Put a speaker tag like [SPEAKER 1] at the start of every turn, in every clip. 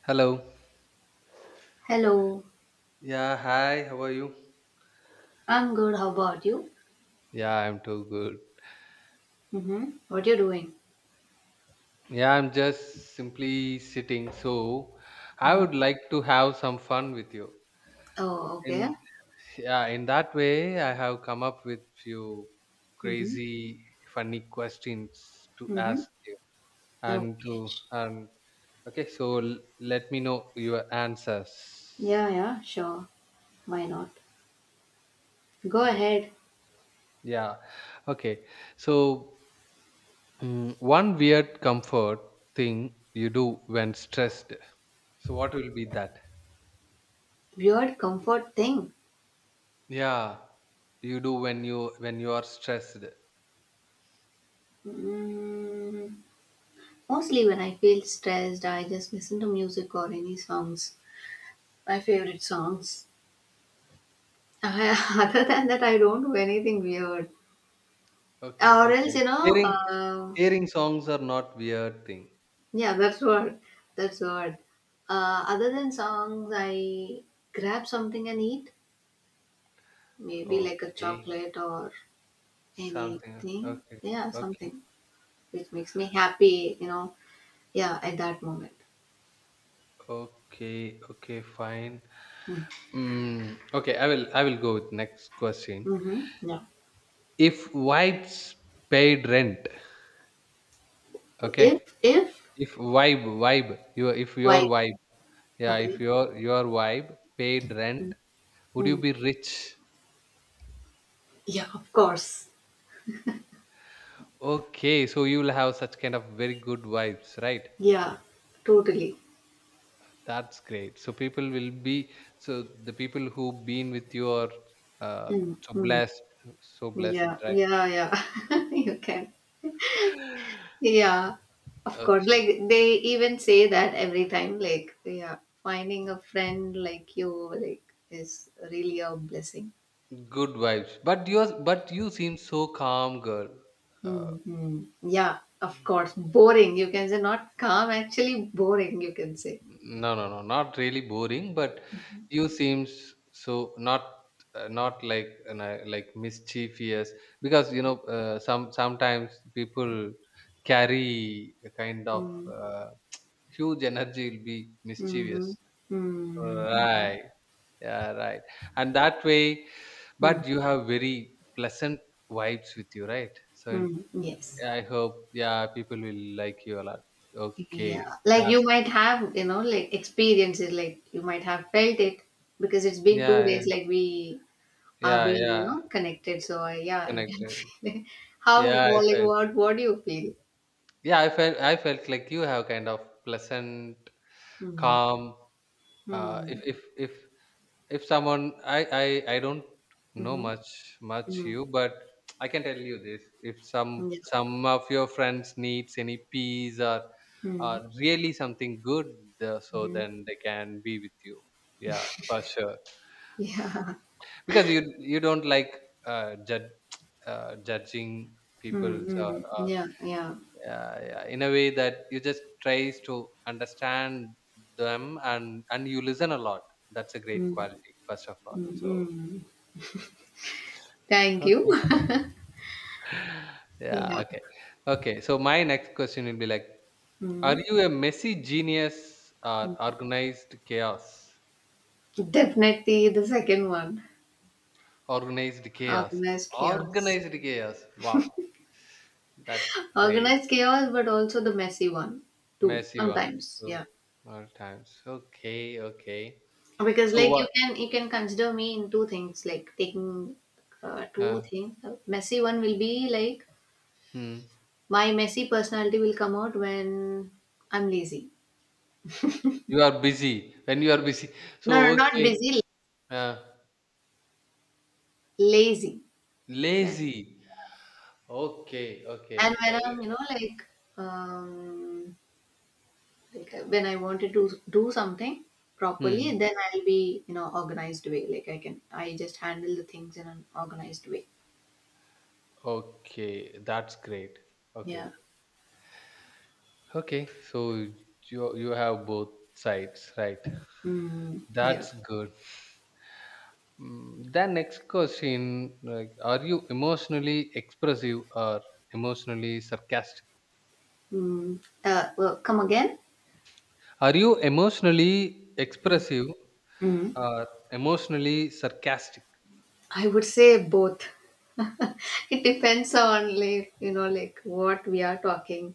[SPEAKER 1] Hello.
[SPEAKER 2] Hello.
[SPEAKER 1] Yeah, hi, how are you?
[SPEAKER 2] I'm good. How about you?
[SPEAKER 1] Yeah, I'm too good.
[SPEAKER 2] Mm-hmm. What you doing?
[SPEAKER 1] Yeah, I'm just simply sitting. I
[SPEAKER 2] Hmm.
[SPEAKER 1] would like to have some fun with you.
[SPEAKER 2] Oh, okay.
[SPEAKER 1] In yeah, in that way, I have come up with few
[SPEAKER 2] Mm-hmm.
[SPEAKER 1] crazy, funny questions to
[SPEAKER 2] Mm-hmm.
[SPEAKER 1] ask you and
[SPEAKER 2] Okay.
[SPEAKER 1] to and okay. So let me know your answers.
[SPEAKER 2] Yeah, yeah, sure. Why not? Go
[SPEAKER 1] Oh.
[SPEAKER 2] ahead.
[SPEAKER 1] Yeah. Okay. So one weird comfort thing you do when stressed. So what will be that?
[SPEAKER 2] Weird comfort thing.
[SPEAKER 1] Yeah, you do when you are stressed.
[SPEAKER 2] Mm, Mostly when I feel stressed, I just listen to music or any songs. My favorite songs. Other than that, I don't do anything weird.
[SPEAKER 1] Okay,
[SPEAKER 2] Or else.
[SPEAKER 1] okay. Hearing
[SPEAKER 2] Uh,
[SPEAKER 1] hearing songs are not weird thing.
[SPEAKER 2] Yeah, that's what. That's what. Other than songs, I grab something and eat. Maybe like a
[SPEAKER 1] Okay,
[SPEAKER 2] chocolate or
[SPEAKER 1] something.
[SPEAKER 2] anything.
[SPEAKER 1] Okay,
[SPEAKER 2] Yeah,
[SPEAKER 1] okay,
[SPEAKER 2] something which makes me happy. You know. Yeah, at that moment.
[SPEAKER 1] okay, okay. Fine.
[SPEAKER 2] Mm.
[SPEAKER 1] Okay, I will go with next question.
[SPEAKER 2] Mm-hmm. Yeah.
[SPEAKER 1] If vibes paid rent,
[SPEAKER 2] If
[SPEAKER 1] okay.
[SPEAKER 2] if
[SPEAKER 1] If vibe vibe your if your
[SPEAKER 2] why?
[SPEAKER 1] vibe yeah, if
[SPEAKER 2] Okay.
[SPEAKER 1] your vibe paid rent,
[SPEAKER 2] Mm.
[SPEAKER 1] would you
[SPEAKER 2] Mm.
[SPEAKER 1] be rich?
[SPEAKER 2] Yeah, of course.
[SPEAKER 1] Okay, so you will have such kind of very good vibes, right?
[SPEAKER 2] Yeah, totally.
[SPEAKER 1] That's great. So people will be so the people who been with you are uh,
[SPEAKER 2] Mm.
[SPEAKER 1] so
[SPEAKER 2] Mm.
[SPEAKER 1] blessed, so blessed,
[SPEAKER 2] Yeah.
[SPEAKER 1] right?
[SPEAKER 2] Yeah. Yeah. you can. Yeah, of course.
[SPEAKER 1] okay,
[SPEAKER 2] Like they even say that every time, like, yeah, finding a friend like you like is really a blessing.
[SPEAKER 1] good vibes. But you seem so calm, girl. Uh,
[SPEAKER 2] Hmm. Yeah, of course. Boring, you can say, not calm, actually boring, you can say.
[SPEAKER 1] No, no, no, not really boring, but you seems so not not like an, like mischievous because you know some sometimes people carry a kind of
[SPEAKER 2] Mm-hmm.
[SPEAKER 1] huge energy will be
[SPEAKER 2] Mm-hmm.
[SPEAKER 1] mischievous. Right. Yeah, right. And that way,
[SPEAKER 2] Mm-hmm.
[SPEAKER 1] but you have very pleasant vibes with you, right?
[SPEAKER 2] Mm. Yes.
[SPEAKER 1] I hope yeah, people will like you a lot.
[SPEAKER 2] Yeah.
[SPEAKER 1] Okay,
[SPEAKER 2] Like
[SPEAKER 1] that's
[SPEAKER 2] you might have, you know, like experiences, like you might have felt it because it's been two
[SPEAKER 1] yeah,
[SPEAKER 2] days, like we are
[SPEAKER 1] yeah, yeah,
[SPEAKER 2] being you
[SPEAKER 1] yeah.
[SPEAKER 2] know connected, so I, yeah, you can
[SPEAKER 1] Connected.
[SPEAKER 2] feel it. How
[SPEAKER 1] Yeah, I
[SPEAKER 2] well, like
[SPEAKER 1] felt.
[SPEAKER 2] what do you feel?
[SPEAKER 1] Yeah, I felt. I felt like you have kind of pleasant,
[SPEAKER 2] mm.
[SPEAKER 1] calm. Uh, if
[SPEAKER 2] Mm.
[SPEAKER 1] if if if someone, I don't know
[SPEAKER 2] Mm-hmm.
[SPEAKER 1] much
[SPEAKER 2] Mm.
[SPEAKER 1] you, but I can tell you this: if some
[SPEAKER 2] Yeah.
[SPEAKER 1] some of your friends needs any peace or
[SPEAKER 2] Mm.
[SPEAKER 1] really something good, so
[SPEAKER 2] Mm-hmm.
[SPEAKER 1] then they can be with you. Yeah, for sure.
[SPEAKER 2] Yeah.
[SPEAKER 1] Because you don't like judge, judging people or,
[SPEAKER 2] Mm. Yeah, yeah.
[SPEAKER 1] yeah, yeah, in a way that you just tries to understand them and you listen a lot, that's a great
[SPEAKER 2] mm.
[SPEAKER 1] quality first of all
[SPEAKER 2] Mm.
[SPEAKER 1] so
[SPEAKER 2] Mm. Thank you.
[SPEAKER 1] okay. Yeah,
[SPEAKER 2] Yeah.
[SPEAKER 1] okay, okay, so my next question will be like, are
[SPEAKER 2] Mm.
[SPEAKER 1] you a messy genius or organized chaos?
[SPEAKER 2] Definitely the second one.
[SPEAKER 1] Organized chaos.
[SPEAKER 2] Organized chaos.
[SPEAKER 1] Organized chaos, wow, that's great.
[SPEAKER 2] Organized chaos, but also the messy one too
[SPEAKER 1] Messy one
[SPEAKER 2] sometimes.
[SPEAKER 1] two
[SPEAKER 2] Yeah,
[SPEAKER 1] more times, okay, okay,
[SPEAKER 2] because,
[SPEAKER 1] so
[SPEAKER 2] like, you
[SPEAKER 1] what,
[SPEAKER 2] can you can consider me in two things, like taking
[SPEAKER 1] uh,
[SPEAKER 2] two things. Messy one will be like
[SPEAKER 1] hmm.
[SPEAKER 2] my messy personality will come out when I'm lazy.
[SPEAKER 1] You are busy. When you are busy. So,
[SPEAKER 2] No, no, not
[SPEAKER 1] okay.
[SPEAKER 2] busy.
[SPEAKER 1] Uh,
[SPEAKER 2] Lazy. Well,
[SPEAKER 1] lazy. Okay.
[SPEAKER 2] and
[SPEAKER 1] Okay.
[SPEAKER 2] when
[SPEAKER 1] Sorry.
[SPEAKER 2] I'm, you know, um like when I wanted to do something properly,
[SPEAKER 1] Hmm.
[SPEAKER 2] then I'll be, you know, organized way, like I can I just handle the things in an organized way.
[SPEAKER 1] Okay. That's great. Okay.
[SPEAKER 2] Yeah.
[SPEAKER 1] Okay. So, you have both sides, right?
[SPEAKER 2] Mm, yeah.
[SPEAKER 1] That's good. The next question, like, are you emotionally expressive or emotionally sarcastic?
[SPEAKER 2] Mm. Come again.
[SPEAKER 1] Are you emotionally
[SPEAKER 2] Mm.
[SPEAKER 1] expressive
[SPEAKER 2] Mm.
[SPEAKER 1] or emotionally sarcastic?
[SPEAKER 2] I would say both. It depends on, like, you know, like what we are talking.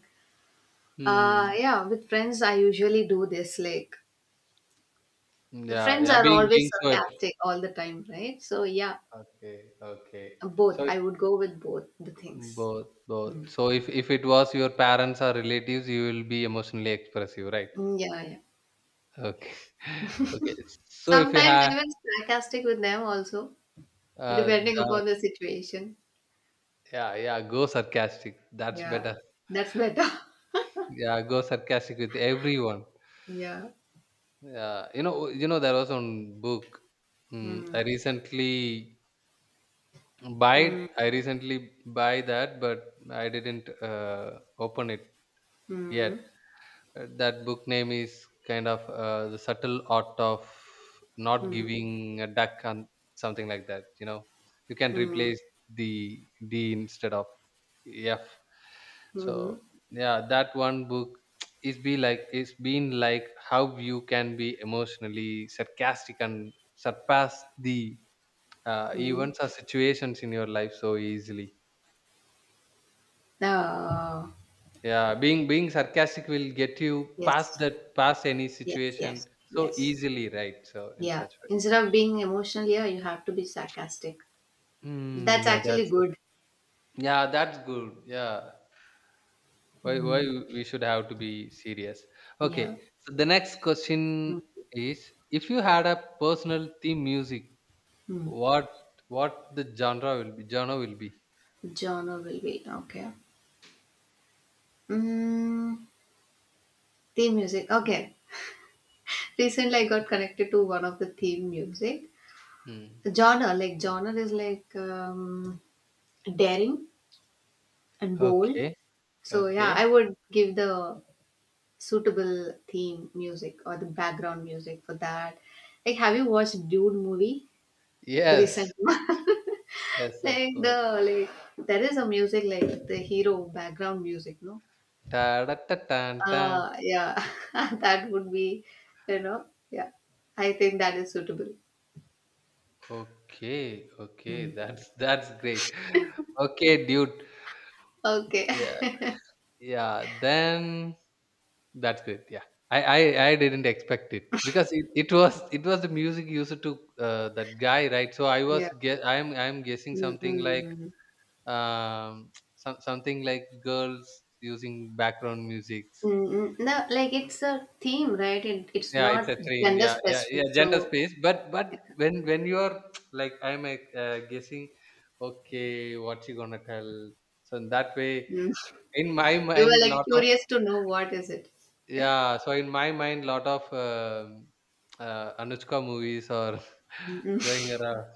[SPEAKER 1] Hmm.
[SPEAKER 2] Yeah, with friends I usually do this, like,
[SPEAKER 1] Yeah,
[SPEAKER 2] friends
[SPEAKER 1] yeah,
[SPEAKER 2] are
[SPEAKER 1] being
[SPEAKER 2] always
[SPEAKER 1] being so
[SPEAKER 2] sarcastic all the time, right? So yeah,
[SPEAKER 1] okay, okay.
[SPEAKER 2] both.
[SPEAKER 1] So if
[SPEAKER 2] I would go with both the things.
[SPEAKER 1] both, both.
[SPEAKER 2] Mm.
[SPEAKER 1] So if it was your parents or relatives, you will be emotionally expressive, right?
[SPEAKER 2] Mm, yeah, yeah.
[SPEAKER 1] Okay, okay. So if you
[SPEAKER 2] Sometimes
[SPEAKER 1] had
[SPEAKER 2] even sarcastic with them also, depending
[SPEAKER 1] the
[SPEAKER 2] upon the situation.
[SPEAKER 1] yeah, yeah, go sarcastic. That's
[SPEAKER 2] Yeah,
[SPEAKER 1] better.
[SPEAKER 2] that's better.
[SPEAKER 1] Yeah, go sarcastic with everyone.
[SPEAKER 2] Yeah.
[SPEAKER 1] Yeah, you know, there was one book. I
[SPEAKER 2] Mm.
[SPEAKER 1] recently buy.
[SPEAKER 2] Mm.
[SPEAKER 1] I recently buy that, but I didn't open it yet.
[SPEAKER 2] Mm.
[SPEAKER 1] That book name is kind of the subtle art of not
[SPEAKER 2] Mm.
[SPEAKER 1] giving a duck and something like that, you know, you can
[SPEAKER 2] Mm.
[SPEAKER 1] replace the d instead of f
[SPEAKER 2] Mm.
[SPEAKER 1] so yeah that one book is be like it's been like how you can be emotionally sarcastic and surpass the
[SPEAKER 2] Mm.
[SPEAKER 1] events or situations in your life so easily.
[SPEAKER 2] Oh,
[SPEAKER 1] Yeah, being sarcastic will get you past
[SPEAKER 2] yes,
[SPEAKER 1] that past any
[SPEAKER 2] yes,
[SPEAKER 1] situation
[SPEAKER 2] yes,
[SPEAKER 1] so
[SPEAKER 2] yes.
[SPEAKER 1] easily, right? So in
[SPEAKER 2] Yeah.
[SPEAKER 1] such way.
[SPEAKER 2] Instead of being emotional, yeah, you have to be sarcastic.
[SPEAKER 1] Mm,
[SPEAKER 2] That's
[SPEAKER 1] yeah,
[SPEAKER 2] actually
[SPEAKER 1] that's
[SPEAKER 2] good.
[SPEAKER 1] yeah, that's good. Yeah. Why
[SPEAKER 2] Mm.
[SPEAKER 1] we should have to be serious.
[SPEAKER 2] Yeah.
[SPEAKER 1] Okay. So the next
[SPEAKER 2] Mm.
[SPEAKER 1] question is if you had a personal theme music,
[SPEAKER 2] Mm.
[SPEAKER 1] what what the genre will be, genre will be?
[SPEAKER 2] Genre will be, okay. Mm. Theme music. Okay. Recently, I got connected to one of the theme music.
[SPEAKER 1] Hmm.
[SPEAKER 2] Genre, like, genre is like daring and bold.
[SPEAKER 1] Okay.
[SPEAKER 2] So yeah,
[SPEAKER 1] Okay.
[SPEAKER 2] I would give the suitable theme music or the background music for that. Like, have you watched Dude movie? The
[SPEAKER 1] Yes.
[SPEAKER 2] recent one.
[SPEAKER 1] Yes, of
[SPEAKER 2] Like the,
[SPEAKER 1] course.
[SPEAKER 2] like, there is a music, like the hero background music, no?
[SPEAKER 1] Ta da ta tan tan.
[SPEAKER 2] Yeah. That would be, you know, yeah. I think that is suitable.
[SPEAKER 1] Okay, okay,
[SPEAKER 2] Mm.
[SPEAKER 1] that's that's great. Okay, dude.
[SPEAKER 2] Okay.
[SPEAKER 1] Yeah, yeah. Then that's great. Yeah, I I, I didn't expect it because it was the music used to that guy, right? So I was
[SPEAKER 2] Yeah.
[SPEAKER 1] guess I'm guessing something like
[SPEAKER 2] Mm-mm.
[SPEAKER 1] um something like girls using background music.
[SPEAKER 2] Mm-mm. No, like, it's a theme, right? It's
[SPEAKER 1] Yeah, it's
[SPEAKER 2] not
[SPEAKER 1] a dream.
[SPEAKER 2] gender
[SPEAKER 1] Yeah, yeah, yeah.
[SPEAKER 2] specific.
[SPEAKER 1] Gender
[SPEAKER 2] So
[SPEAKER 1] space, but when you are like I'm guessing, okay, what's he gonna tell? So in that way,
[SPEAKER 2] mm.
[SPEAKER 1] in my
[SPEAKER 2] You were
[SPEAKER 1] mind,
[SPEAKER 2] like
[SPEAKER 1] lot of
[SPEAKER 2] curious to know what is it.
[SPEAKER 1] yeah. So in my mind, lot of Anushka movies are
[SPEAKER 2] Mm-mm.
[SPEAKER 1] going around.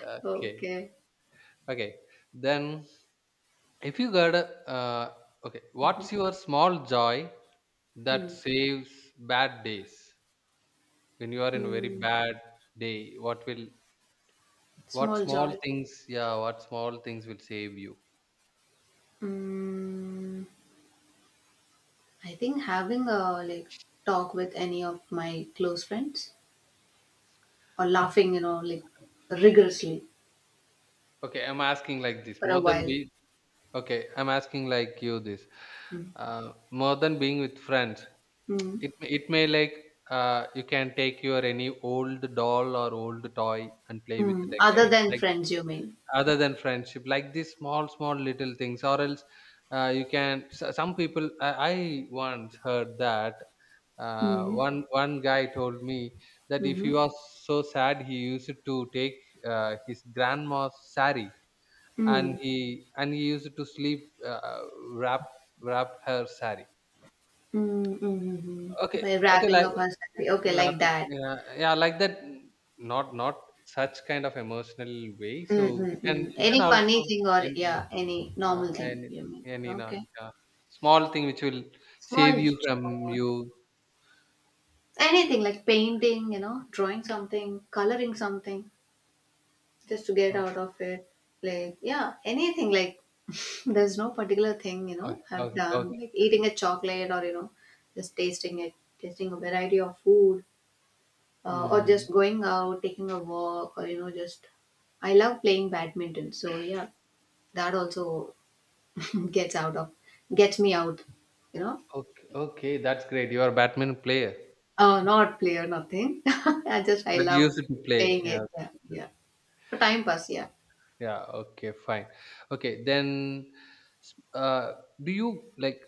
[SPEAKER 1] Okay,
[SPEAKER 2] Okay.
[SPEAKER 1] okay. Then if you got a okay, what's your small joy that
[SPEAKER 2] Hmm.
[SPEAKER 1] saves bad days when you are in a very
[SPEAKER 2] Hmm.
[SPEAKER 1] bad day? What will What
[SPEAKER 2] Small
[SPEAKER 1] small
[SPEAKER 2] joy.
[SPEAKER 1] things, yeah, what small things will save you?
[SPEAKER 2] Mm, I think having a like talk with any of my close friends or laughing, you know, like rigorously
[SPEAKER 1] Okay, I'm asking like this
[SPEAKER 2] for
[SPEAKER 1] more
[SPEAKER 2] a
[SPEAKER 1] than
[SPEAKER 2] while.
[SPEAKER 1] be okay, I'm asking like you this
[SPEAKER 2] Mm.
[SPEAKER 1] more than being with friends,
[SPEAKER 2] Mm.
[SPEAKER 1] it may like you can take your any old doll or old toy and play with it
[SPEAKER 2] Mm. Other
[SPEAKER 1] again,
[SPEAKER 2] than
[SPEAKER 1] like
[SPEAKER 2] friends, you mean?
[SPEAKER 1] other than friendship like these small small little things or else you can some people I once heard that
[SPEAKER 2] Mm.
[SPEAKER 1] one guy told me that if he
[SPEAKER 2] Mm-hmm.
[SPEAKER 1] was so sad he used to take his grandma's sari and
[SPEAKER 2] Mm.
[SPEAKER 1] he used to sleep wrap wrap her sari
[SPEAKER 2] Mm. Mm-hmm.
[SPEAKER 1] okay
[SPEAKER 2] By
[SPEAKER 1] okay
[SPEAKER 2] wrapping
[SPEAKER 1] like
[SPEAKER 2] up her story. Okay,
[SPEAKER 1] wrap
[SPEAKER 2] like
[SPEAKER 1] it,
[SPEAKER 2] that.
[SPEAKER 1] yeah, yeah like that not not such kind of emotional way so
[SPEAKER 2] Mm, mm, mm.
[SPEAKER 1] you can
[SPEAKER 2] Any
[SPEAKER 1] also
[SPEAKER 2] funny thing or
[SPEAKER 1] and
[SPEAKER 2] yeah, any
[SPEAKER 1] Uh,
[SPEAKER 2] normal
[SPEAKER 1] and
[SPEAKER 2] thing, you mean?
[SPEAKER 1] and you know,
[SPEAKER 2] Okay.
[SPEAKER 1] uh, small thing which will save
[SPEAKER 2] Small
[SPEAKER 1] you from
[SPEAKER 2] joy.
[SPEAKER 1] you.
[SPEAKER 2] Anything like painting, you know, drawing something, coloring something just to get
[SPEAKER 1] Uh,
[SPEAKER 2] out of it. Like, yeah, anything like there's no particular thing, you
[SPEAKER 1] okay,
[SPEAKER 2] know, I've
[SPEAKER 1] okay,
[SPEAKER 2] done,
[SPEAKER 1] okay.
[SPEAKER 2] like eating a chocolate or, you know, just tasting it, tasting a variety of food or
[SPEAKER 1] Hmm.
[SPEAKER 2] just going out, taking a walk or, you know, just I love playing badminton. So, yeah, that also gets out of, gets me out, you know.
[SPEAKER 1] Okay, okay, that's great. You are a badminton player,
[SPEAKER 2] Not play or nothing. I just, I
[SPEAKER 1] but you
[SPEAKER 2] love
[SPEAKER 1] used to play.
[SPEAKER 2] playing
[SPEAKER 1] Yeah,
[SPEAKER 2] it. Yeah,
[SPEAKER 1] okay.
[SPEAKER 2] yeah. For time pass, yeah.
[SPEAKER 1] Yeah. Okay, fine. Okay, then, s- uh, do you like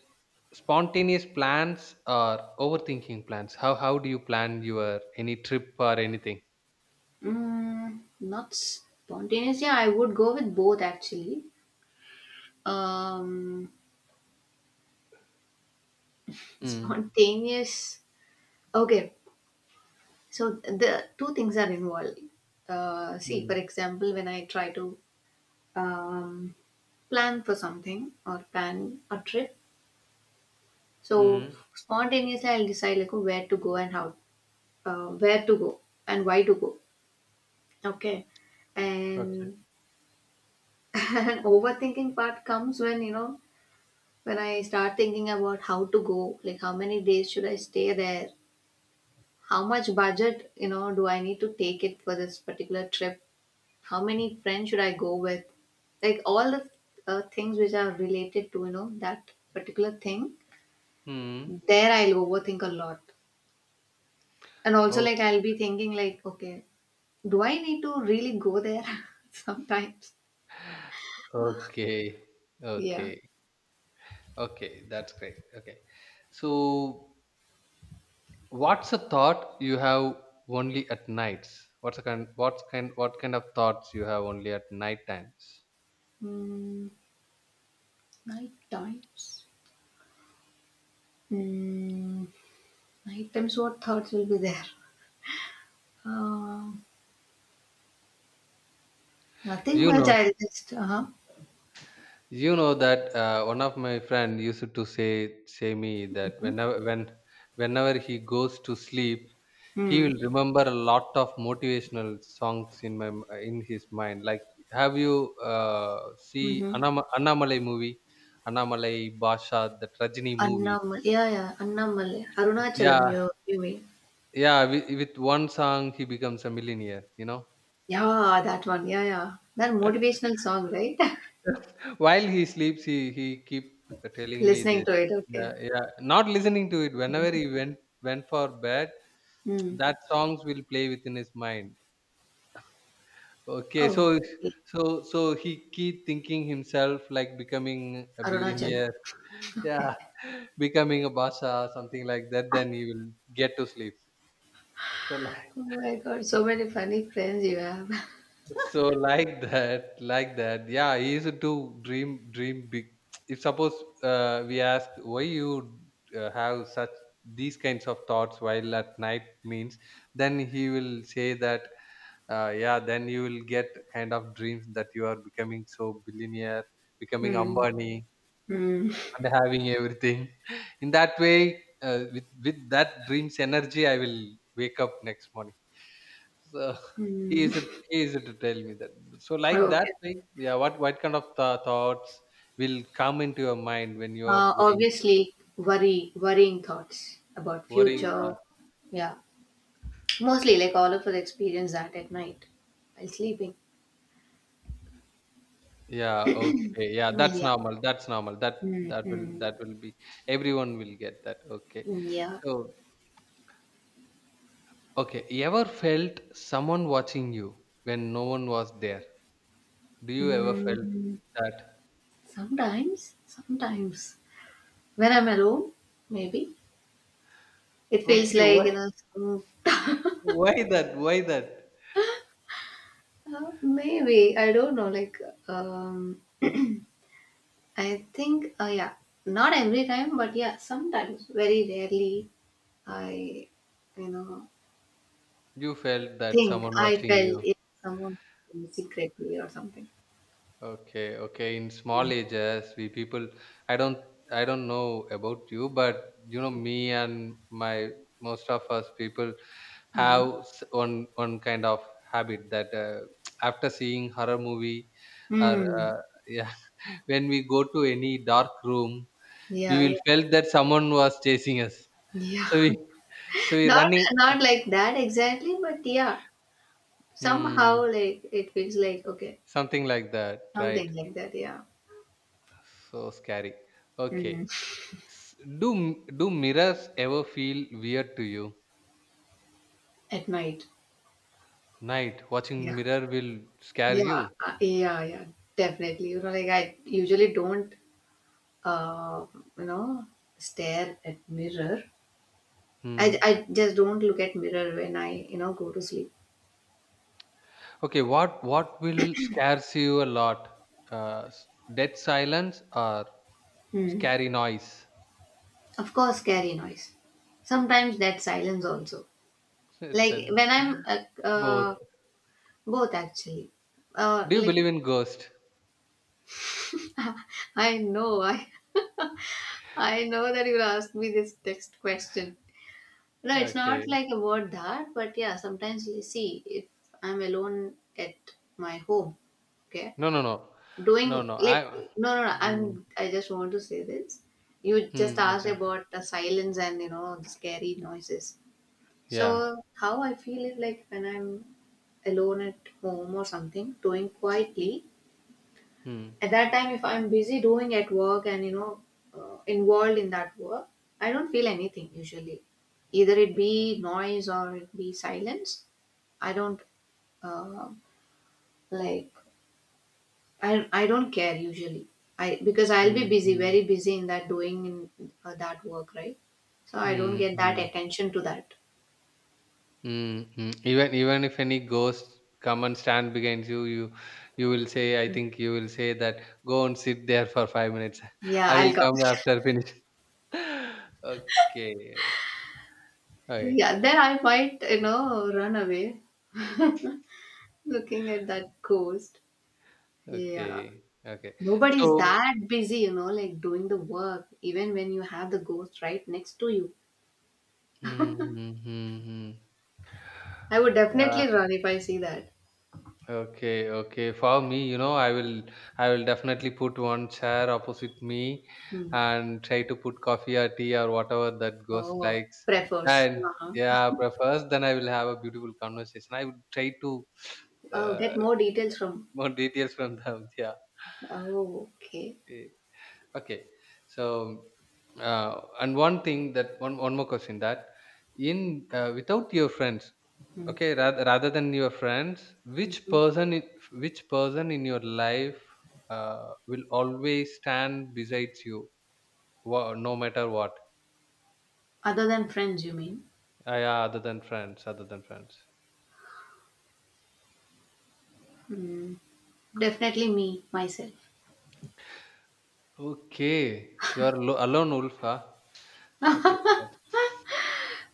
[SPEAKER 1] spontaneous plans or overthinking plans? How do you plan your any trip or anything?
[SPEAKER 2] Mm, not spontaneous. Yeah, I would go with both actually. Um,
[SPEAKER 1] Hmm.
[SPEAKER 2] spontaneous. Okay, so the two things are involved. See, for
[SPEAKER 1] Hmm.
[SPEAKER 2] example, when I try to um, plan for something or plan a trip, so
[SPEAKER 1] Hmm.
[SPEAKER 2] spontaneously I'll decide like where to go and how, where to go and why to go. Okay,
[SPEAKER 1] Okay.
[SPEAKER 2] and an overthinking part comes when you know when I start thinking about how to go, like how many days should I stay there, how much budget, you know, do I need to take it for this particular trip, how many friends should I go with, like all the things which are related to, you know, that particular thing,
[SPEAKER 1] Hmm.
[SPEAKER 2] there I'll overthink a lot. And also,
[SPEAKER 1] Oh,
[SPEAKER 2] like, I'll be thinking, like, okay, do I need to really go there sometimes?
[SPEAKER 1] okay.
[SPEAKER 2] Yeah.
[SPEAKER 1] Okay. Okay, that's great. Okay. So what's a thought you have only at nights? What's a kind what's kind what kind of thoughts you have only at night times?
[SPEAKER 2] Mm, night times. Mm, night times, what thoughts will be there? Um Nothing
[SPEAKER 1] You
[SPEAKER 2] much.
[SPEAKER 1] know,
[SPEAKER 2] I just uh-huh.
[SPEAKER 1] you know that one of my friend used to say me that whenever he goes to sleep, he
[SPEAKER 2] Hmm.
[SPEAKER 1] will remember a lot of motivational songs in in his mind. Like, have you see
[SPEAKER 2] Mm-hmm.
[SPEAKER 1] Annamalai movie, Annamalai Basha, the Rajini movie?
[SPEAKER 2] Annamal. Yeah, yeah. Annamalai.
[SPEAKER 1] Yeah,
[SPEAKER 2] Arunachalam. You mean?
[SPEAKER 1] yeah. With one song, he becomes a millionaire. You know,
[SPEAKER 2] Yeah, that one. Yeah, yeah. That motivational song, right?
[SPEAKER 1] while he sleeps, he keep telling me
[SPEAKER 2] Listening
[SPEAKER 1] this.
[SPEAKER 2] to it. Okay.
[SPEAKER 1] Yeah, yeah. Not listening to it. Whenever
[SPEAKER 2] Mhm.
[SPEAKER 1] he went for bed,
[SPEAKER 2] Mm.
[SPEAKER 1] that songs will play within his mind. Okay,
[SPEAKER 2] Oh,
[SPEAKER 1] so
[SPEAKER 2] okay.
[SPEAKER 1] so he keep thinking himself like becoming a
[SPEAKER 2] Arunachalam.
[SPEAKER 1] billionaire. Yeah,
[SPEAKER 2] Okay.
[SPEAKER 1] becoming a basha, something like that. Then he will get to sleep. So
[SPEAKER 2] Oh my God, so many funny friends you have.
[SPEAKER 1] so like that, like that. Yeah, he used to dream, dream big. If suppose we ask why you have such these kinds of thoughts while at night means, then he will say that yeah, then you will get kind of dreams that you are becoming so billionaire, becoming
[SPEAKER 2] Hmm.
[SPEAKER 1] Ambani,
[SPEAKER 2] Hmm.
[SPEAKER 1] and having everything. In that way, with that dreams energy, I will wake up next morning. So he
[SPEAKER 2] Hmm.
[SPEAKER 1] used to he used to tell me that. So like that,
[SPEAKER 2] Okay.
[SPEAKER 1] like yeah, what kind of thoughts will come into your mind when you are going
[SPEAKER 2] Obviously, worry, worrying thoughts about
[SPEAKER 1] worrying
[SPEAKER 2] future.
[SPEAKER 1] thoughts?
[SPEAKER 2] Yeah. Mostly, like all of us experience that at night while sleeping.
[SPEAKER 1] Yeah, okay, yeah, that's
[SPEAKER 2] Yeah.
[SPEAKER 1] normal. That's normal. That that will
[SPEAKER 2] Hmm.
[SPEAKER 1] that will be everyone will get that. Okay,
[SPEAKER 2] Yeah.
[SPEAKER 1] so okay, you ever felt someone watching you when no one was there? Do you ever felt
[SPEAKER 2] Mm.
[SPEAKER 1] that?
[SPEAKER 2] Sometimes, sometimes when I'm alone, maybe it feels
[SPEAKER 1] Okay,
[SPEAKER 2] like, you know, some-
[SPEAKER 1] why that? Why that?
[SPEAKER 2] maybe I don't know. Like um, I think. Yeah. Not every time, but yeah, sometimes. Very rarely, I, you know
[SPEAKER 1] You felt that
[SPEAKER 2] think
[SPEAKER 1] someone
[SPEAKER 2] I
[SPEAKER 1] watching
[SPEAKER 2] felt
[SPEAKER 1] you.
[SPEAKER 2] it someone secretly or something.
[SPEAKER 1] Okay, okay. In small ages, we people, I don't, I don't know about you, but you know, me and my most of us people have
[SPEAKER 2] Mm.
[SPEAKER 1] one kind of habit that after seeing horror movie or
[SPEAKER 2] Hmm.
[SPEAKER 1] yeah, when we go to any dark room, we
[SPEAKER 2] Yeah, yeah,
[SPEAKER 1] will felt that someone was chasing us.
[SPEAKER 2] yeah.
[SPEAKER 1] So we, so we
[SPEAKER 2] Not
[SPEAKER 1] running,
[SPEAKER 2] not like that exactly, but yeah, somehow
[SPEAKER 1] hmm,
[SPEAKER 2] like it feels like, okay,
[SPEAKER 1] something like that, right?
[SPEAKER 2] something like that. Yeah,
[SPEAKER 1] So scary.
[SPEAKER 2] mm,
[SPEAKER 1] Okay. Do do mirrors ever feel weird to you?
[SPEAKER 2] at night.
[SPEAKER 1] Night
[SPEAKER 2] Yeah,
[SPEAKER 1] watching mirror will scare
[SPEAKER 2] yeah,
[SPEAKER 1] you.
[SPEAKER 2] yeah, yeah. Definitely. You know, like, I usually don't, uh, you know, stare at mirror.
[SPEAKER 1] Hmm.
[SPEAKER 2] I just don't look at mirror when I, you know, go to sleep.
[SPEAKER 1] Okay, what will scares you a lot? Uh, s- dead silence or
[SPEAKER 2] Mm.
[SPEAKER 1] scary noise?
[SPEAKER 2] Of course, scary noise. Sometimes that silence also.
[SPEAKER 1] It's
[SPEAKER 2] Like
[SPEAKER 1] a,
[SPEAKER 2] when I'm uh,
[SPEAKER 1] both.
[SPEAKER 2] both actually,
[SPEAKER 1] Do you
[SPEAKER 2] like
[SPEAKER 1] believe in ghost?
[SPEAKER 2] I know, I know that you'll ask me this next question. No, it's not
[SPEAKER 1] Okay.
[SPEAKER 2] like about that, but yeah, sometimes you see, if I'm alone at my home, okay,
[SPEAKER 1] No, no, no, no,
[SPEAKER 2] doing
[SPEAKER 1] no.
[SPEAKER 2] like
[SPEAKER 1] I.
[SPEAKER 2] no, no, no.
[SPEAKER 1] Mm,
[SPEAKER 2] I'm I just want to say this. You just asked
[SPEAKER 1] okay.
[SPEAKER 2] about the silence and you know the scary noises.
[SPEAKER 1] Yeah.
[SPEAKER 2] So how I feel is like when I'm alone at home or something, doing quietly,
[SPEAKER 1] Mm,
[SPEAKER 2] at that time if I'm busy doing at work and you know involved in that work I don't feel anything usually, either it be noise or it be silence. I don't uh, like I don't care usually, I because I'll be
[SPEAKER 1] mm,
[SPEAKER 2] busy,
[SPEAKER 1] mm,
[SPEAKER 2] very busy in that doing in that work, right? So I don't
[SPEAKER 1] mm,
[SPEAKER 2] get that
[SPEAKER 1] mm.
[SPEAKER 2] attention to that.
[SPEAKER 1] Mm, mm. Even even if any ghost come and stand behind you, you you will say, I think you will say that go and sit there for 5 minutes.
[SPEAKER 2] Yeah,
[SPEAKER 1] I will
[SPEAKER 2] I'll come.
[SPEAKER 1] come after finish. okay, okay,
[SPEAKER 2] Yeah, then I might, you know, run away looking at that ghost. Yeah.
[SPEAKER 1] okay, okay.
[SPEAKER 2] Nobody is
[SPEAKER 1] So,
[SPEAKER 2] that busy, you know, like doing the work, even when you have the ghost right next to you.
[SPEAKER 1] mm-hmm.
[SPEAKER 2] I would
[SPEAKER 1] Yeah.
[SPEAKER 2] definitely run if I see that.
[SPEAKER 1] Okay, okay. For me, you know, I will definitely put one chair opposite me
[SPEAKER 2] Hmm.
[SPEAKER 1] and try to put coffee or tea or whatever that ghost
[SPEAKER 2] Oh,
[SPEAKER 1] likes.
[SPEAKER 2] prefers.
[SPEAKER 1] And
[SPEAKER 2] Uh-huh.
[SPEAKER 1] yeah, prefers, then I will have a beautiful conversation. I would try to
[SPEAKER 2] Oh,
[SPEAKER 1] uh,
[SPEAKER 2] get more details from.
[SPEAKER 1] more details from them.
[SPEAKER 2] Oh, okay.
[SPEAKER 1] Yeah. Okay. So and one thing that one more question that, in without your friends,
[SPEAKER 2] Hmm.
[SPEAKER 1] okay, rather than your friends,
[SPEAKER 2] Mhm.
[SPEAKER 1] which person in your life will always stand besides you, no matter what?
[SPEAKER 2] Other than friends, you mean?
[SPEAKER 1] Ah, yeah, other than friends, other than friends.
[SPEAKER 2] Hmm. Definitely me, myself.
[SPEAKER 1] Okay, you are alone, Ulf. Huh? Okay. That's,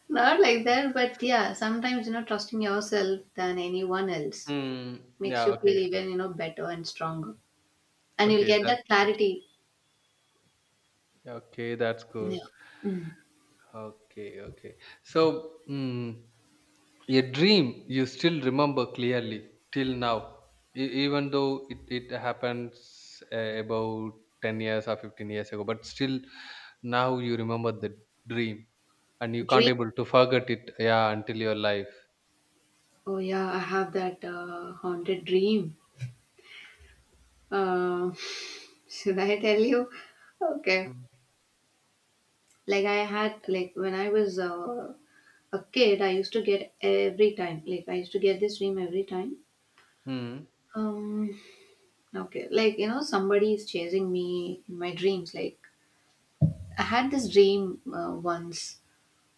[SPEAKER 2] Not like that, but yeah, sometimes, you know, trusting yourself than anyone else
[SPEAKER 1] hmm,
[SPEAKER 2] makes
[SPEAKER 1] yeah.
[SPEAKER 2] you feel
[SPEAKER 1] Okay.
[SPEAKER 2] even, you know, better and stronger. And you'll
[SPEAKER 1] Okay.
[SPEAKER 2] get
[SPEAKER 1] That's
[SPEAKER 2] that
[SPEAKER 1] that's
[SPEAKER 2] clarity.
[SPEAKER 1] okay. That's good.
[SPEAKER 2] Yeah. Mm.
[SPEAKER 1] Okay, okay. So, mm, a dream you still remember clearly till now, even though it happens about 10 years or 15 years ago, but still now you remember the dream and you can't
[SPEAKER 2] Dream.
[SPEAKER 1] able to forget it, yeah, until your life.
[SPEAKER 2] Oh yeah, I have that haunted dream. Uh, should I tell you? Okay.
[SPEAKER 1] Mm.
[SPEAKER 2] Like I had like when I was a kid, I used to get every time. Like I used to get this dream every time.
[SPEAKER 1] Mm.
[SPEAKER 2] Um. Okay. Like, you know, somebody is chasing me in my dreams. Like I had this dream once,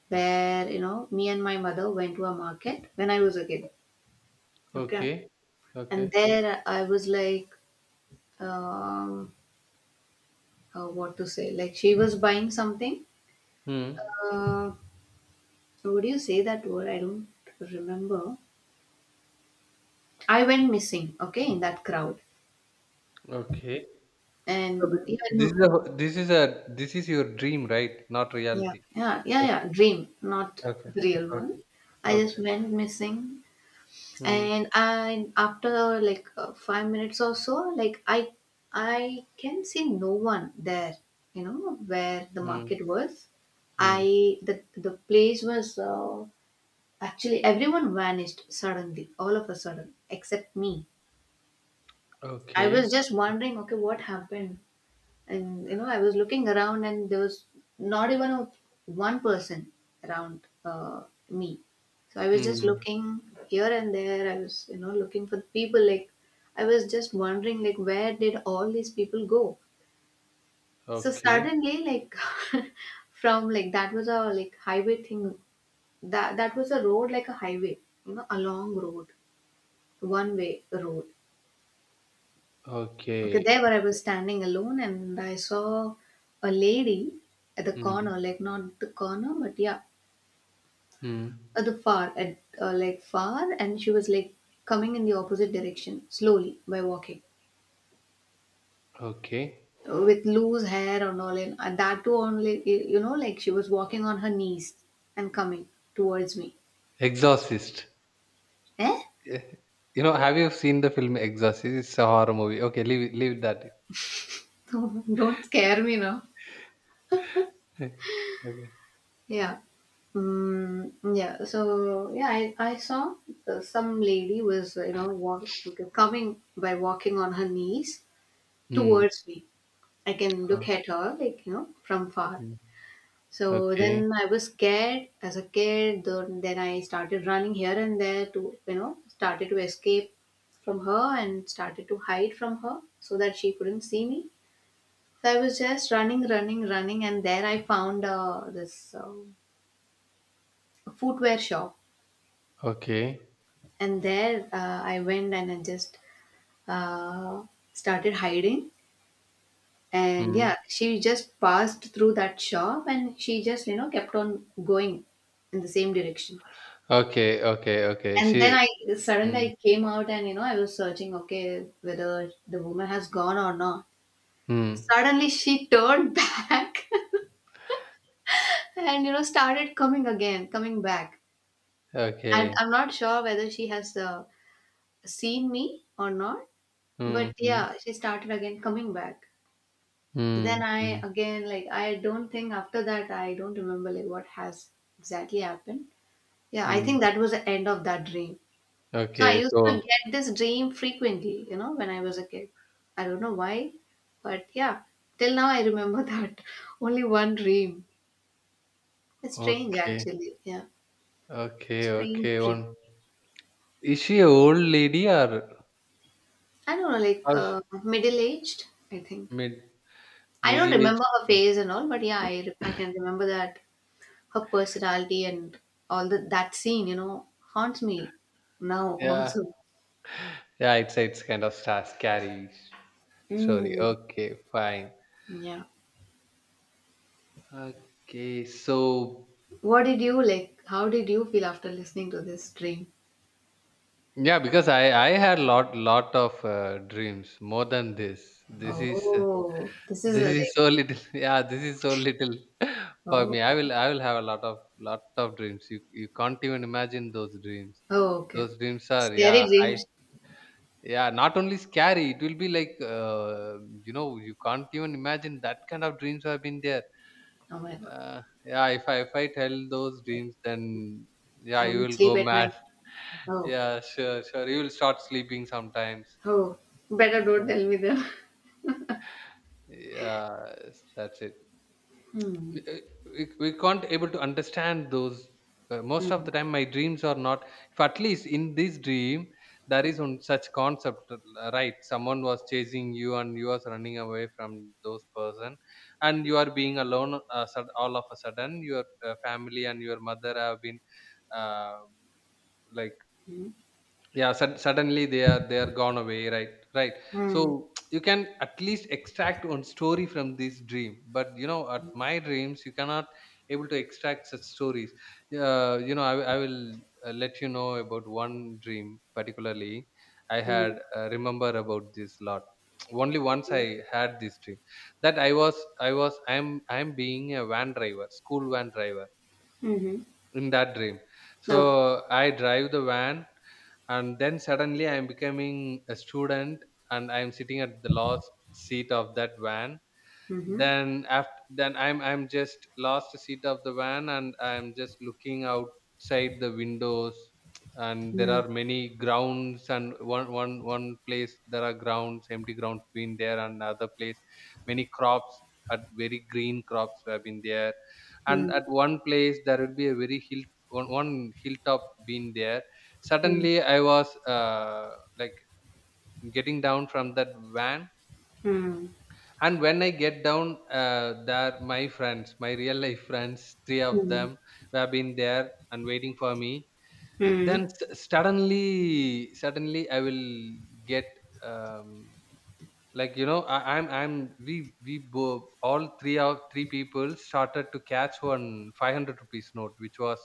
[SPEAKER 2] where, you know, me and my mother went to a market when I was a kid. Okay.
[SPEAKER 1] Okay,
[SPEAKER 2] And
[SPEAKER 1] okay.
[SPEAKER 2] there I was like. Um, what to say, like she was buying something,
[SPEAKER 1] Hmm.
[SPEAKER 2] uh, so would you say that word, I don't remember. I went missing, okay, in that crowd.
[SPEAKER 1] Okay. So
[SPEAKER 2] And
[SPEAKER 1] this is
[SPEAKER 2] even
[SPEAKER 1] a this is a this is your dream, right? Not
[SPEAKER 2] yeah,
[SPEAKER 1] reality.
[SPEAKER 2] yeah, yeah,
[SPEAKER 1] Okay,
[SPEAKER 2] yeah, dream, not
[SPEAKER 1] okay,
[SPEAKER 2] the real one.
[SPEAKER 1] okay,
[SPEAKER 2] I just
[SPEAKER 1] okay.
[SPEAKER 2] went missing.
[SPEAKER 1] Hmm.
[SPEAKER 2] And I after like 5 minutes or so, like I can see no one there, you know, where the
[SPEAKER 1] Hmm.
[SPEAKER 2] market was. I,
[SPEAKER 1] Hmm.
[SPEAKER 2] the place was actually, everyone vanished suddenly, all of a sudden, except me. I
[SPEAKER 1] Okay.
[SPEAKER 2] was just wondering, okay, what happened? And, you know, I was looking around, and there was not even a, one person around me. So I was just
[SPEAKER 1] Hmm.
[SPEAKER 2] looking here and there. I was, you know, looking for the people. Like, I was just wondering, like, where did all these people go? So
[SPEAKER 1] Okay.
[SPEAKER 2] suddenly, like, from, like, that was a like highway thing. That that was a road, like a highway, you know, a long road, one way road. Okay,
[SPEAKER 1] Okay.
[SPEAKER 2] there where I
[SPEAKER 1] Okay.
[SPEAKER 2] was standing alone and I saw a lady at the
[SPEAKER 1] Hmm.
[SPEAKER 2] corner, like not the corner, but yeah,
[SPEAKER 1] Hmm.
[SPEAKER 2] at the far, at like far, and she was like coming in the opposite direction slowly by walking
[SPEAKER 1] Okay.
[SPEAKER 2] with loose hair and all, and that too only, you know, like she was walking on her knees and coming towards me.
[SPEAKER 1] Exorcist.
[SPEAKER 2] Eh?
[SPEAKER 1] Eh, you know, have you seen the film Exorcist? It's a horror movie. Okay, leave that.
[SPEAKER 2] Don't scare me now.
[SPEAKER 1] Okay.
[SPEAKER 2] Yeah. Mm, yeah. So yeah, I saw some lady was, you know, walk, coming by walking on her knees
[SPEAKER 1] Hmm.
[SPEAKER 2] towards me. I can
[SPEAKER 1] Uh,
[SPEAKER 2] look at her, like, you know, from far.
[SPEAKER 1] hmm.
[SPEAKER 2] So
[SPEAKER 1] Okay.
[SPEAKER 2] then I was scared as a kid. Then I started running here and there to, you know, started to escape from her and started to hide from her so that she couldn't see me. So I was just running, running, running, and there I found this footwear shop,
[SPEAKER 1] Okay.
[SPEAKER 2] and there I went and I just uh, started hiding. And
[SPEAKER 1] Hmm.
[SPEAKER 2] yeah, she just passed through that shop and she just, you know, kept on going in the same direction.
[SPEAKER 1] Okay. Okay. Okay.
[SPEAKER 2] And then
[SPEAKER 1] She.
[SPEAKER 2] I suddenly
[SPEAKER 1] Hmm.
[SPEAKER 2] I came out and, you know, I was searching, okay, whether the woman has gone or not.
[SPEAKER 1] Hmm.
[SPEAKER 2] Suddenly she turned back, and, you know, started coming again, coming back. And
[SPEAKER 1] Okay.
[SPEAKER 2] I'm not sure whether she has seen me or not,
[SPEAKER 1] Hmm.
[SPEAKER 2] but
[SPEAKER 1] Hmm.
[SPEAKER 2] yeah, she started again coming back.
[SPEAKER 1] Hmm.
[SPEAKER 2] Then I
[SPEAKER 1] Hmm.
[SPEAKER 2] again, like, I don't think, after that I don't remember like what has exactly happened. Yeah, I
[SPEAKER 1] Hmm.
[SPEAKER 2] think that was the end of that dream. So I
[SPEAKER 1] Okay.
[SPEAKER 2] used to
[SPEAKER 1] So.
[SPEAKER 2] get this dream frequently, you know, when I was a kid. I don't know why, but yeah, till now I remember that only one dream. It's strange
[SPEAKER 1] Okay.
[SPEAKER 2] actually. Yeah,
[SPEAKER 1] Okay.
[SPEAKER 2] strange
[SPEAKER 1] Okay.
[SPEAKER 2] dream.
[SPEAKER 1] One. Is she a old lady
[SPEAKER 2] I don't know, like,
[SPEAKER 1] or
[SPEAKER 2] middle aged, I think.
[SPEAKER 1] mid
[SPEAKER 2] I don't
[SPEAKER 1] middle-aged?
[SPEAKER 2] remember her face and all, but yeah, I can remember that her personality and all the, that scene, you know, haunts me now
[SPEAKER 1] Yeah.
[SPEAKER 2] also.
[SPEAKER 1] Yeah, it's kind of star scary story.
[SPEAKER 2] Mm.
[SPEAKER 1] Okay, fine.
[SPEAKER 2] Yeah.
[SPEAKER 1] Okay, so
[SPEAKER 2] What did you like? How did you feel after listening to this dream?
[SPEAKER 1] yeah, because I had lot of dreams more than this.
[SPEAKER 2] Oh, this is
[SPEAKER 1] This
[SPEAKER 2] a
[SPEAKER 1] is
[SPEAKER 2] like,
[SPEAKER 1] so little. Yeah, this is so little for
[SPEAKER 2] oh,
[SPEAKER 1] me. I
[SPEAKER 2] oh,
[SPEAKER 1] will I will have a lot of dreams. You can't even imagine those dreams.
[SPEAKER 2] oh, okay.
[SPEAKER 1] Those dreams are yeah
[SPEAKER 2] Scary
[SPEAKER 1] high,
[SPEAKER 2] dreams.
[SPEAKER 1] yeah, not only scary, it will be like you know, you can't even imagine that kind of dreams have been there.
[SPEAKER 2] Oh my God.
[SPEAKER 1] Yeah, if I if I tell those dreams, then yeah,
[SPEAKER 2] I
[SPEAKER 1] you
[SPEAKER 2] won't
[SPEAKER 1] will go
[SPEAKER 2] sleep at
[SPEAKER 1] mad.
[SPEAKER 2] night. Oh,
[SPEAKER 1] Yeah, sure, sure, you will start sleeping sometimes.
[SPEAKER 2] oh. Better don't
[SPEAKER 1] Yeah,
[SPEAKER 2] tell me that.
[SPEAKER 1] yes, that's it.
[SPEAKER 2] Hmm.
[SPEAKER 1] uh, we can't able to understand those. Most of
[SPEAKER 2] Hmm.
[SPEAKER 1] the time my dreams are not, if at least in this dream there is one such concept, right, someone was chasing you and you was running away from those person, and you are being alone, all of a sudden your family and your mother have been uh, like,
[SPEAKER 2] Hmm.
[SPEAKER 1] yeah, suddenly they are gone away, right, right. So
[SPEAKER 2] Hmm.
[SPEAKER 1] you can at least extract one story from this dream, but you know, at my dreams you cannot able to extract such stories. You know, I will let you know about one dream particularly I
[SPEAKER 2] Hmm.
[SPEAKER 1] had, remember about this lot. Only once I had this dream, that I was, I was, I'm being a van driver, school van driver
[SPEAKER 2] Hmm.
[SPEAKER 1] in that dream.
[SPEAKER 2] Okay.
[SPEAKER 1] So I drive the van, and then suddenly I'm becoming a student, and I'm sitting at the last seat of that van,
[SPEAKER 2] Mm-hmm.
[SPEAKER 1] then after then I'm just lost seat of the van, and I'm just looking outside the windows, and there
[SPEAKER 2] Mm-hmm.
[SPEAKER 1] are many grounds, and one place there are grounds, empty grounds been there, and other place many crops, at very green crops have been there, and
[SPEAKER 2] Hmm.
[SPEAKER 1] at one place there will be a very hill, one hilltop been there.
[SPEAKER 2] Hmm.
[SPEAKER 1] Suddenly I was like getting down from that van,
[SPEAKER 2] Hmm.
[SPEAKER 1] and when I get down, there my friends, my real life friends, three of
[SPEAKER 2] Hmm.
[SPEAKER 1] them have been there and waiting for me. Then
[SPEAKER 2] Mm.
[SPEAKER 1] suddenly I will get, um, like, you know, I'm, all three of three people started to catch one 500 rupees note which was,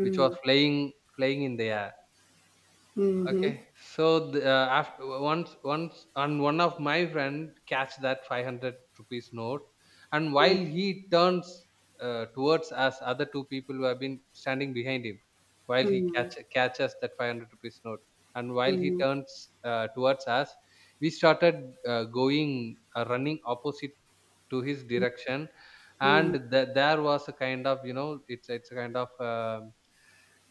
[SPEAKER 1] which was flying, flying in the air.
[SPEAKER 2] Mhm.
[SPEAKER 1] Okay, so the, after once once and one of my friend catch that 500 rupees note, and while
[SPEAKER 2] Mm.
[SPEAKER 1] he turns towards us, other two people who have been standing behind him, while he
[SPEAKER 2] Mhm.
[SPEAKER 1] catches that 500 rupees note, and while he
[SPEAKER 2] Mhm.
[SPEAKER 1] turns towards us, we started going running opposite to his direction, and
[SPEAKER 2] Mm.
[SPEAKER 1] there was a kind of, you know, it's a kind of, um,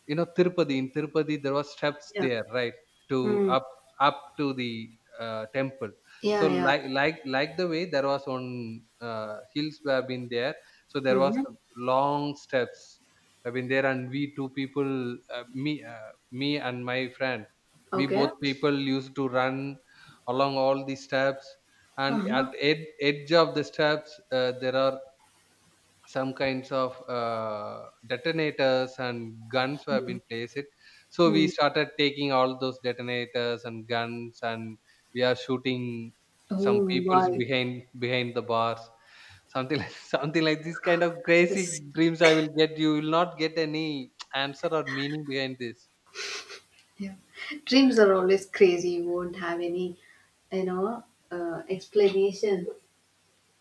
[SPEAKER 1] you know, Tirupati, in Tirupati, there was steps
[SPEAKER 2] Yeah.
[SPEAKER 1] there, right, to
[SPEAKER 2] Mm.
[SPEAKER 1] up, up to the temple. So,
[SPEAKER 2] Yeah, yeah.
[SPEAKER 1] like the way there was on hills we have been there, so there was
[SPEAKER 2] Mhm.
[SPEAKER 1] long steps. I've been there, and we two people, me and my friend, we
[SPEAKER 2] Okay.
[SPEAKER 1] both people used to run along all the steps, and at
[SPEAKER 2] Uh-huh.
[SPEAKER 1] edge of the steps, there are some kinds of detonators and guns were been placed. So we
[SPEAKER 2] Mm.
[SPEAKER 1] started taking all those detonators and guns, and we are shooting some
[SPEAKER 2] Oh
[SPEAKER 1] people's,
[SPEAKER 2] my.
[SPEAKER 1] behind the bars. Something like, something like this kind of crazy
[SPEAKER 2] It's,
[SPEAKER 1] dreams I will get. You will not get any answer or meaning behind this.
[SPEAKER 2] yeah. Dreams are always crazy. You won't have any, you know, explanation.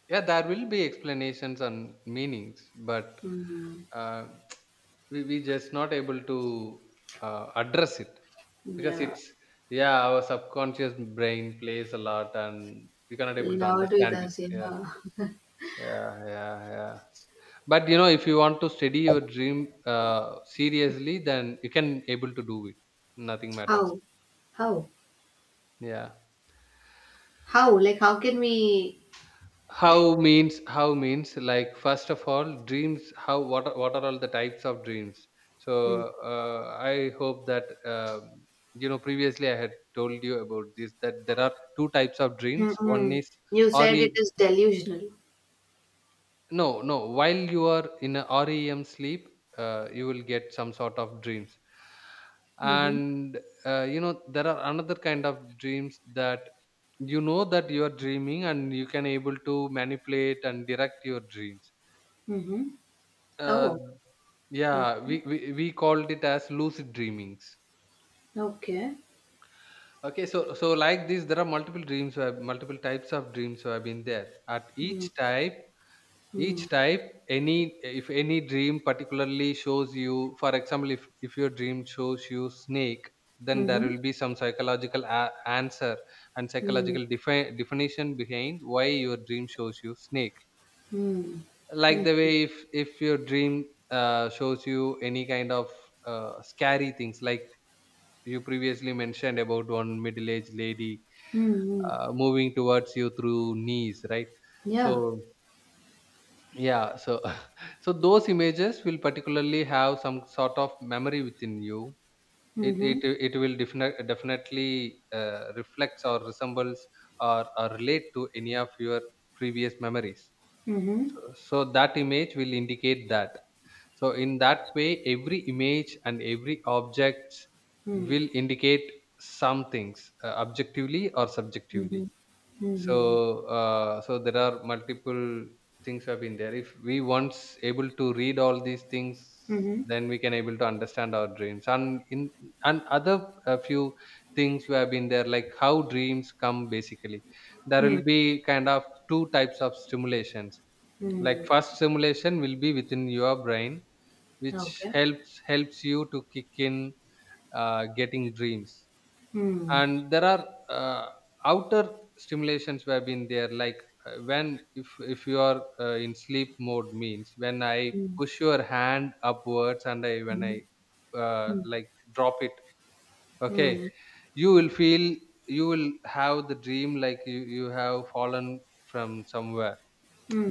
[SPEAKER 1] Yeah, there will be explanations and meanings, but
[SPEAKER 2] Mm.
[SPEAKER 1] uh, we just not able to address it. Because
[SPEAKER 2] Yeah.
[SPEAKER 1] it's, yeah, our subconscious brain plays a lot and we cannot able to
[SPEAKER 2] Lord with
[SPEAKER 1] understand it.
[SPEAKER 2] us.
[SPEAKER 1] Yeah,
[SPEAKER 2] Yeah.
[SPEAKER 1] yeah, yeah, yeah. But you know, if you want to study your dream seriously, then you can able to do it. Nothing matters.
[SPEAKER 2] How? How?
[SPEAKER 1] Yeah.
[SPEAKER 2] How? Like, how can we, like,
[SPEAKER 1] How means, how means, like, first of all dreams. How, what are all the types of dreams? So
[SPEAKER 2] mm.
[SPEAKER 1] I hope that, um, you know, previously I had told you about this, that there are two types of dreams. One
[SPEAKER 2] Mm-mm.
[SPEAKER 1] is
[SPEAKER 2] You said it
[SPEAKER 1] REM.
[SPEAKER 2] is delusional.
[SPEAKER 1] No, no. While you are in a REM sleep, you will get some sort of dreams.
[SPEAKER 2] Mm-hmm.
[SPEAKER 1] And you know, there are another kind of dreams that, you know, that you are dreaming and you can able to manipulate and direct your dreams.
[SPEAKER 2] Mm-hmm.
[SPEAKER 1] Uh,
[SPEAKER 2] Oh, well,
[SPEAKER 1] yeah,
[SPEAKER 2] okay.
[SPEAKER 1] we called it as lucid dreamings.
[SPEAKER 2] Okay.
[SPEAKER 1] Okay, so, so like this, there are multiple dreams, who have multiple types of dreams who have been there. At
[SPEAKER 2] Mm,
[SPEAKER 1] each type, each
[SPEAKER 2] mm,
[SPEAKER 1] type, any, if any dream particularly shows you, for example, if your dream shows you snake, then there
[SPEAKER 2] mhm,
[SPEAKER 1] will be some psychological answer and
[SPEAKER 2] mm,
[SPEAKER 1] psychological definition behind why your dream shows you snake.
[SPEAKER 2] mm,
[SPEAKER 1] Like
[SPEAKER 2] mhm,
[SPEAKER 1] the way, if your dream shows you any kind of scary things, like you previously mentioned about one middle-aged lady
[SPEAKER 2] mhm.
[SPEAKER 1] moving towards you through knees, right,
[SPEAKER 2] Yeah.
[SPEAKER 1] so, yeah, so, so those images will particularly have some sort of memory within you. it it,
[SPEAKER 2] Mhm,
[SPEAKER 1] it will definitely reflects or resembles, or relate to any of your previous memories,
[SPEAKER 2] mhm,
[SPEAKER 1] so, so that image will indicate that. So in that way every image and every object
[SPEAKER 2] mm,
[SPEAKER 1] will indicate some things objectively or subjectively.
[SPEAKER 2] mhm, mhm,
[SPEAKER 1] So, so there are multiple things have been there. If we once able to read all these things,
[SPEAKER 2] mhm,
[SPEAKER 1] then we can able to understand our dreams. And in, and other few things we have been there, like how dreams come basically. There
[SPEAKER 2] mm,
[SPEAKER 1] will be kind of two types of stimulations. Like
[SPEAKER 2] mm.
[SPEAKER 1] first stimulation will be within your brain, which
[SPEAKER 2] Okay.
[SPEAKER 1] helps you to kick in getting dreams,
[SPEAKER 2] Mm,
[SPEAKER 1] and there are outer stimulations have been there, like when, if you are in sleep mode, means when I
[SPEAKER 2] mm,
[SPEAKER 1] push your hand upwards and I, when I
[SPEAKER 2] mhm,
[SPEAKER 1] like drop it,
[SPEAKER 2] mm,
[SPEAKER 1] okay,
[SPEAKER 2] mm,
[SPEAKER 1] you will feel, you will have the dream like you have fallen from somewhere.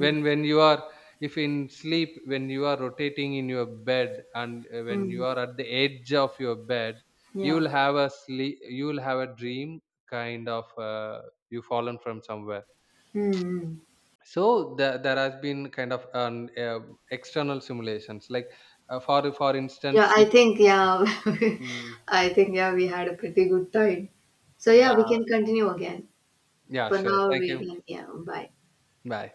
[SPEAKER 1] when when you are, if in sleep, when you are rotating in your bed, and when you
[SPEAKER 2] mm.
[SPEAKER 1] are at the edge of your bed, you
[SPEAKER 2] Yeah.
[SPEAKER 1] will have a sleep, you will have a dream, kind of you fallen from somewhere.
[SPEAKER 2] Mm.
[SPEAKER 1] So the, there has been kind of an external simulations, like for instance,
[SPEAKER 2] Yeah, I
[SPEAKER 1] if,
[SPEAKER 2] think, yeah,
[SPEAKER 1] mm,
[SPEAKER 2] I think, yeah, we had a pretty good time. So, yeah,
[SPEAKER 1] yeah,
[SPEAKER 2] we can continue again.
[SPEAKER 1] yeah,
[SPEAKER 2] For
[SPEAKER 1] sure,
[SPEAKER 2] now,
[SPEAKER 1] thank
[SPEAKER 2] we
[SPEAKER 1] you.
[SPEAKER 2] can, yeah, bye.
[SPEAKER 1] Bye.